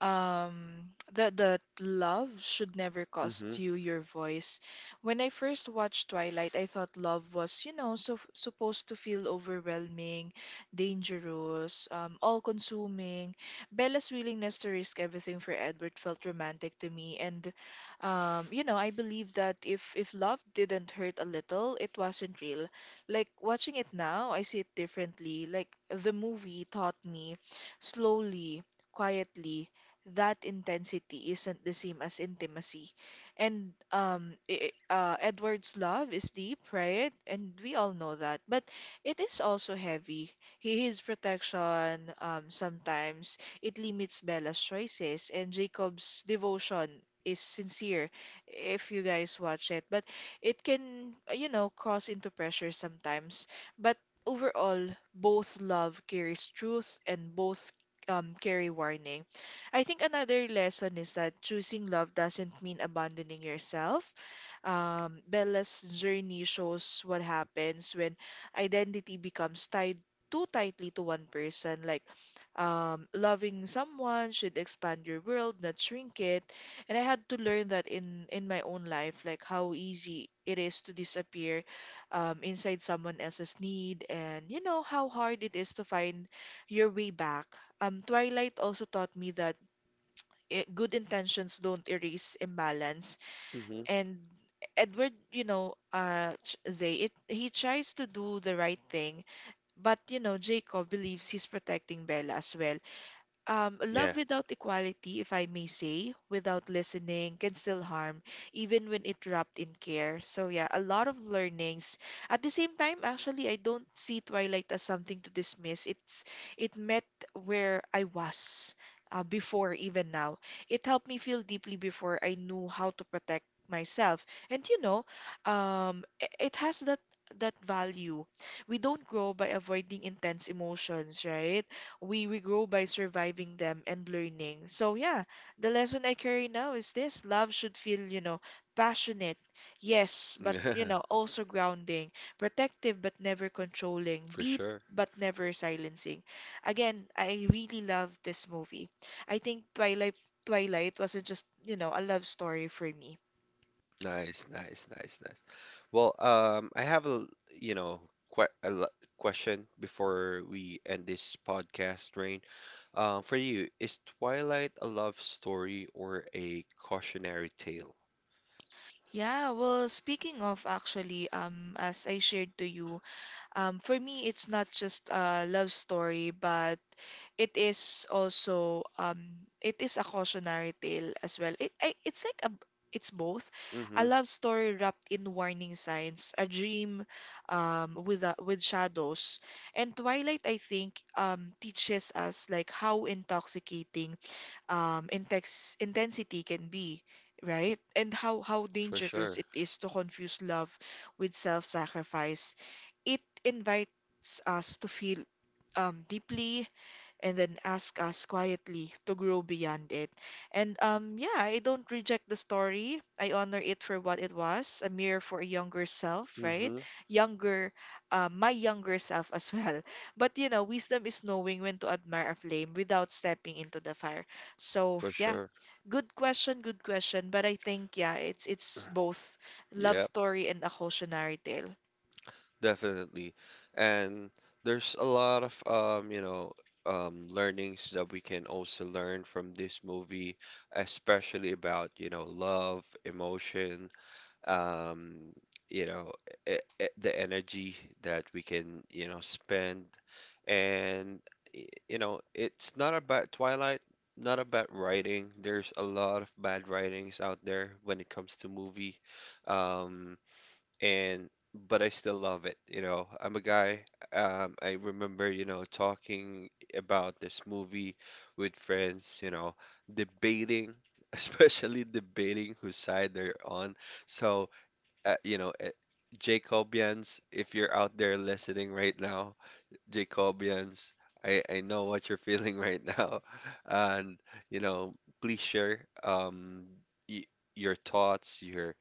S2: that love should never
S1: Mm-hmm.
S2: cost you your voice. When I first watched Twilight, I thought love was, you know, so supposed to feel overwhelming, dangerous, all-consuming. Bella's willingness to risk everything for Edward felt romantic to me, and you know, I believe that if love didn't hurt a little, it wasn't real. Like watching it now, I see it differently. Like the movie taught me slowly quietly that intensity isn't the same as intimacy. And Edward's love is deep, right? And we all know that. But it is also heavy. He His protection, sometimes it limits Bella's choices, and Jacob's devotion is sincere if you guys watch it. But it can, you know, cross into pressure sometimes. But overall, both love carries truth and both carry warning. I think another lesson is that choosing love doesn't mean abandoning yourself. Bella's journey shows what happens when identity becomes tied too tightly to one person. Like, loving someone should expand your world, not shrink it. And I had to learn that in my own life, like how easy it is to disappear inside someone else's need, and you know how hard it is to find your way back. Twilight also taught me that good intentions don't erase imbalance.
S1: Mm-hmm.
S2: And Edward, you know, Zay, he tries to do the right thing, but you know, Jacob believes he's protecting Bella as well. Love
S1: Yeah.
S2: without equality, if I may say, without listening, can still harm, even when it wrapped in care. So yeah, a lot of learnings. At the same time, actually, I don't see Twilight as something to dismiss. It's it met where I was before, even now. It helped me feel deeply before I knew how to protect myself. And you know, it has that value. We don't grow by avoiding intense emotions, right? We grow by surviving them and learning. So yeah, the lesson I carry now is this: love should feel, you know, passionate, yes, but you
S1: Yeah.
S2: know, also grounding, protective but never controlling,
S1: For
S2: deep
S1: sure.
S2: but never silencing. Again, I really love this movie. I think Twilight wasn't just, you know, a love story for me.
S1: Nice, nice, nice, nice. I have a, you know, quite a question before we end this podcast, Rain. For you, is Twilight a love story or a cautionary tale?
S2: Yeah, well, speaking of actually, as I shared to you, for me, it's not just a love story, but it is also it is a cautionary tale as well. It's like a it's both a
S1: Mm-hmm,
S2: love story wrapped in warning signs, a dream with shadows, and Twilight. I think teaches us like how intoxicating intex intensity can be, right? And how
S1: for
S2: dangerous
S1: sure.
S2: it is to confuse love with self-sacrifice. It invites us to feel deeply and then ask us quietly to grow beyond it. And yeah, I don't reject the story. I honor it for what it was, a mirror for a younger self, right?
S1: Mm-hmm,
S2: Younger, my younger self as well. But you know, wisdom is knowing when to admire a flame without stepping into the fire. So
S1: for
S2: yeah,
S1: sure.
S2: good question, good question. But I think yeah, it's both love
S1: Yep.
S2: story and a cautionary tale.
S1: Definitely. And there's a lot of you know, learnings that we can also learn from this movie, especially about, you know, love, emotion, um, you know, the energy that we can, you know, spend. And you know, it's not about Twilight, not about writing. There's a lot of bad writings out there when it comes to movie. Um, and But I still love it. You know, I'm a guy. I remember, you know, talking about this movie with friends, you know, debating, especially debating whose side they're on. So, uh, you know, uh, Jacobians, if you're out there listening right now, Jacobians. I know what you're feeling right now. And, you know, please share y your thoughts, your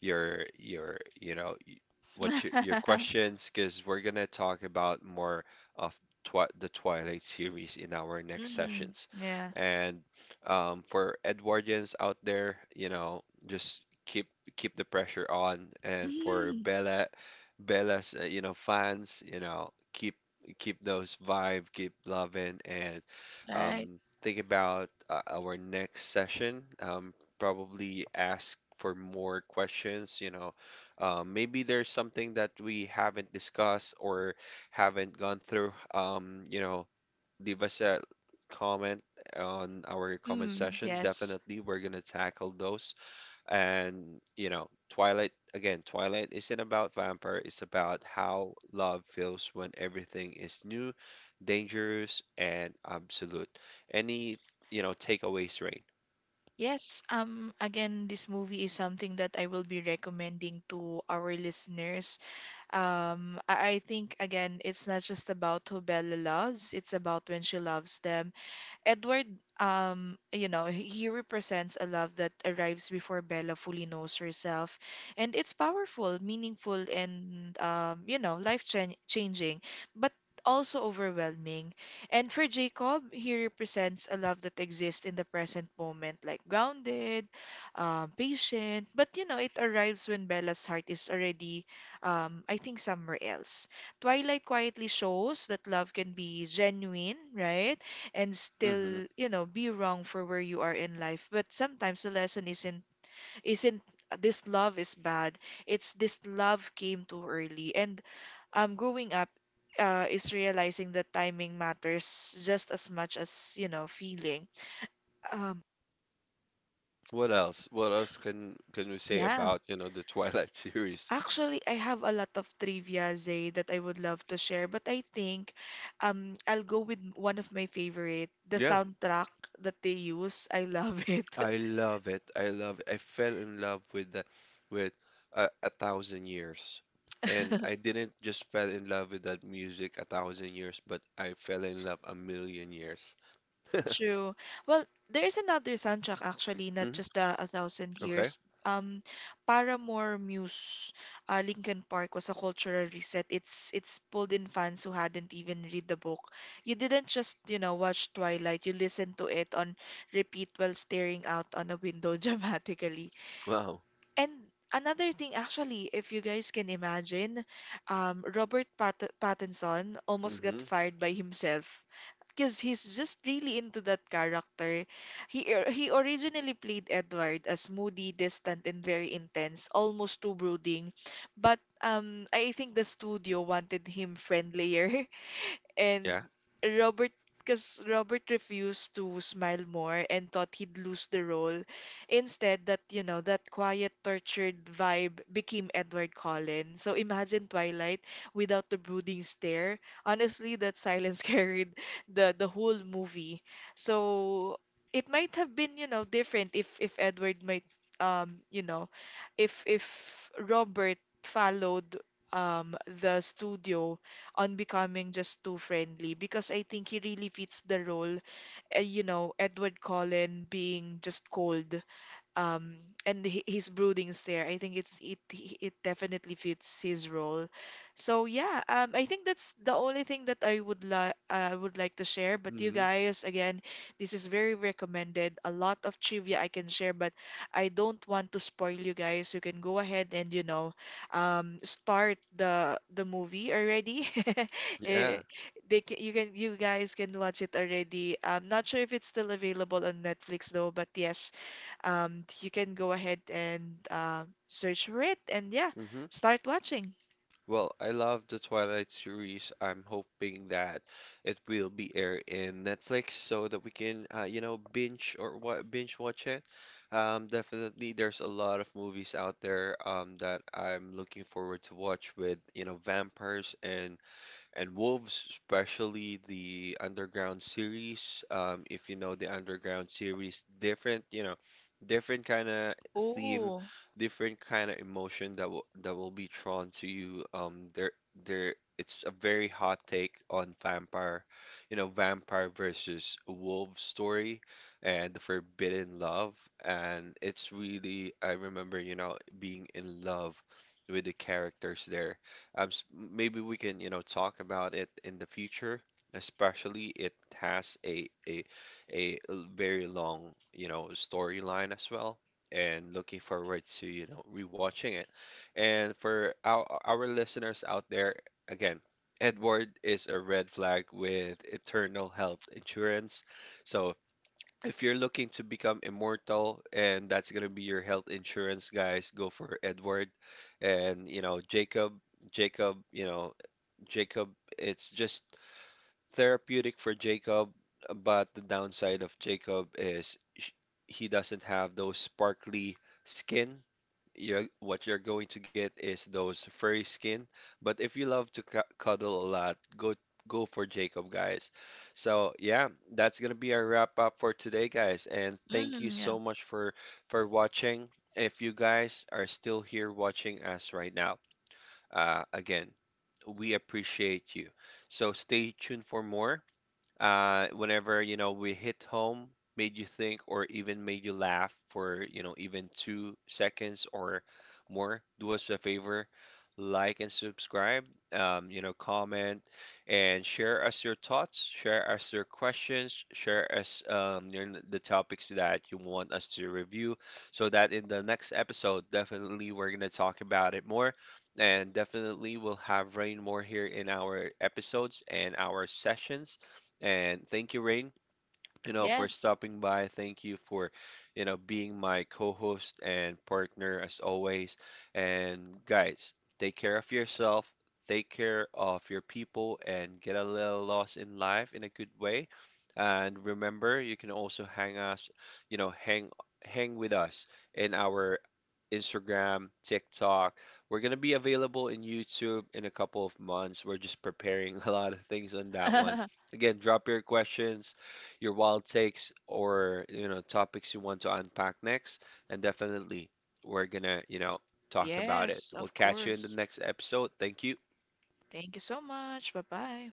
S1: your your you know y- what your questions, because we're gonna talk about more of twi the Twilight series in our next
S2: Mm,
S1: sessions.
S2: yeah.
S1: And for Edwardians out there, you know, just keep the pressure on. And for
S2: Mm,
S1: Bella, Bella's you know, fans, you know, keep those vibe, keep loving, and
S2: right.
S1: think about our next session. Probably ask for more questions. You know, maybe there's something that we haven't discussed or haven't gone through. You know, leave us a comment on our comment
S2: Mm,
S1: session.
S2: yes.
S1: Definitely, we're gonna tackle those. And, you know, Twilight, again, Twilight isn't about vampire, it's about how love feels when everything is new, dangerous, and absolute. Any, you know, takeaways, Rain?
S2: Yes, again this movie is something that I will be recommending to our listeners. I think again it's not just about who Bella loves, it's about when she loves them. Edward, you know, he represents a love that arrives before Bella fully knows herself, and it's powerful, meaningful, and you know, life-changing, but also overwhelming. And for Jacob, he represents a love that exists in the present moment, like grounded, patient, but you know, it arrives when Bella's heart is already, I think, somewhere else. Twilight quietly shows that love can be genuine, right? And
S1: Hmm.
S2: still, you know, be wrong for where you are in life. But sometimes the lesson isn't this love is bad. It's this love came too early. And growing up is realizing that timing matters just as much as, you know, feeling. Um
S1: What else? What else can we say
S2: yeah.
S1: about, you know, the Twilight series?
S2: Actually, I have a lot of trivia, Zay, that I would love to share, but I think I'll go with one of my favorite, the
S1: Yeah.
S2: soundtrack that they use. I love it.
S1: I love it. I love I fell in love with the with a thousand years. And I didn't just fell in love with that music a thousand years, but I fell in love a million years. Hmm.
S2: True. Well, there is another soundtrack actually, not just the A Thousand
S1: Okay.
S2: Years. Um, Paramore Muse, Linkin Park was a cultural reset. It's pulled in fans who hadn't even read the book. You didn't just, you know, watch Twilight. You listened to it on repeat while staring out on a window dramatically.
S1: Wow.
S2: And another thing, actually, if you guys can imagine, Robert Pat Pattinson almost got
S1: Hmm.
S2: fired by himself because he's just really into that character. He originally played Edward as moody, distant, and very intense, almost too brooding. But I think the studio wanted him friendlier and
S1: Yeah.
S2: Robert because Robert refused to smile more and thought he'd lose the role. Instead, that you know, that quiet, tortured vibe became Edward Cullen. So imagine Twilight without the brooding stare. Honestly, that silence carried the whole movie. So it might have been, you know, different if Edward might you know, if Robert followed um the studio on becoming just too friendly because I think he really fits the role. You know, Edward Cullen being just cold um and his broodings there. I think it's it definitely fits his role. So yeah, I think that's the only thing that I would like to share. But you
S1: Hmm.
S2: guys, again, this is very recommended. A lot of trivia I can share, but I don't want to spoil you guys. You can go ahead and you know, start the movie already. Eh,
S1: Yeah.
S2: you can you guys can watch it already. I'm not sure if it's still available on Netflix though, but yes, you can go ahead and search for it and yeah,
S1: Hmm.
S2: start watching.
S1: Well, I love the Twilight series. I'm hoping that it will be aired in Netflix so that we can, you know, binge or what binge watch it. Definitely, there's a lot of movies out there that I'm looking forward to watch with, you know, vampires and Wolves, especially the Underground series. If you know the Underground series, different, you know, different kind of theme,
S2: Oh,
S1: different kind of emotion that will be drawn to you. There, it's a very hot take on vampire, you know, vampire versus wolf story, and the forbidden love, and it's really I remember, you know, being in love with the characters there. Maybe we can, you know, talk about it in the future, especially it has a very long, you know, storyline as well. And looking forward to, you know, rewatching it. And for our listeners out there, again, Edward is a red flag with Eternal Health Insurance. So if you're looking to become immortal, and that's gonna be your health insurance, guys, go for Edward. And you know, Jacob, Jacob, you know, Jacob, it's just therapeutic for Jacob, but the downside of Jacob is he doesn't have those sparkly skin. You're what you're going to get is those furry skin. But if you love to cu cuddle a lot, go for Jacob, guys. So yeah, that's gonna be our wrap up for today, guys. And thank you
S2: mm, yeah.
S1: so much for watching. If you guys are still here watching us right now, again, we appreciate you. So stay tuned for more, whenever, you know, we hit home, made you think or even made you laugh for, you know, even 2 seconds or more, do us a favor, like and subscribe, you know, comment, and share us your thoughts, share us your questions, share us your, the topics that you want us to review, so that in the next episode definitely we're going to talk about it more. And definitely we'll have Rain more here in our episodes and our sessions. And thank you, Rain, you know, for
S2: Yes.
S1: stopping by. Thank you for, you know, being my co-host and partner as always. And guys, take care of yourself, take care of your people, and get a little lost in life in a good way. And remember, you can also hang us, you know, hang with us in our Instagram, TikTok. We're gonna be available in YouTube in a couple of months. We're just preparing a lot of things on that one. Again, drop your questions, your wild takes, or you know, topics you want to unpack next, and definitely we're gonna, you know, talk about it.
S2: Yes,
S1: We'll
S2: of
S1: catch you in the
S2: course.
S1: next episode. Thank you.
S2: Thank you so much. Bye bye.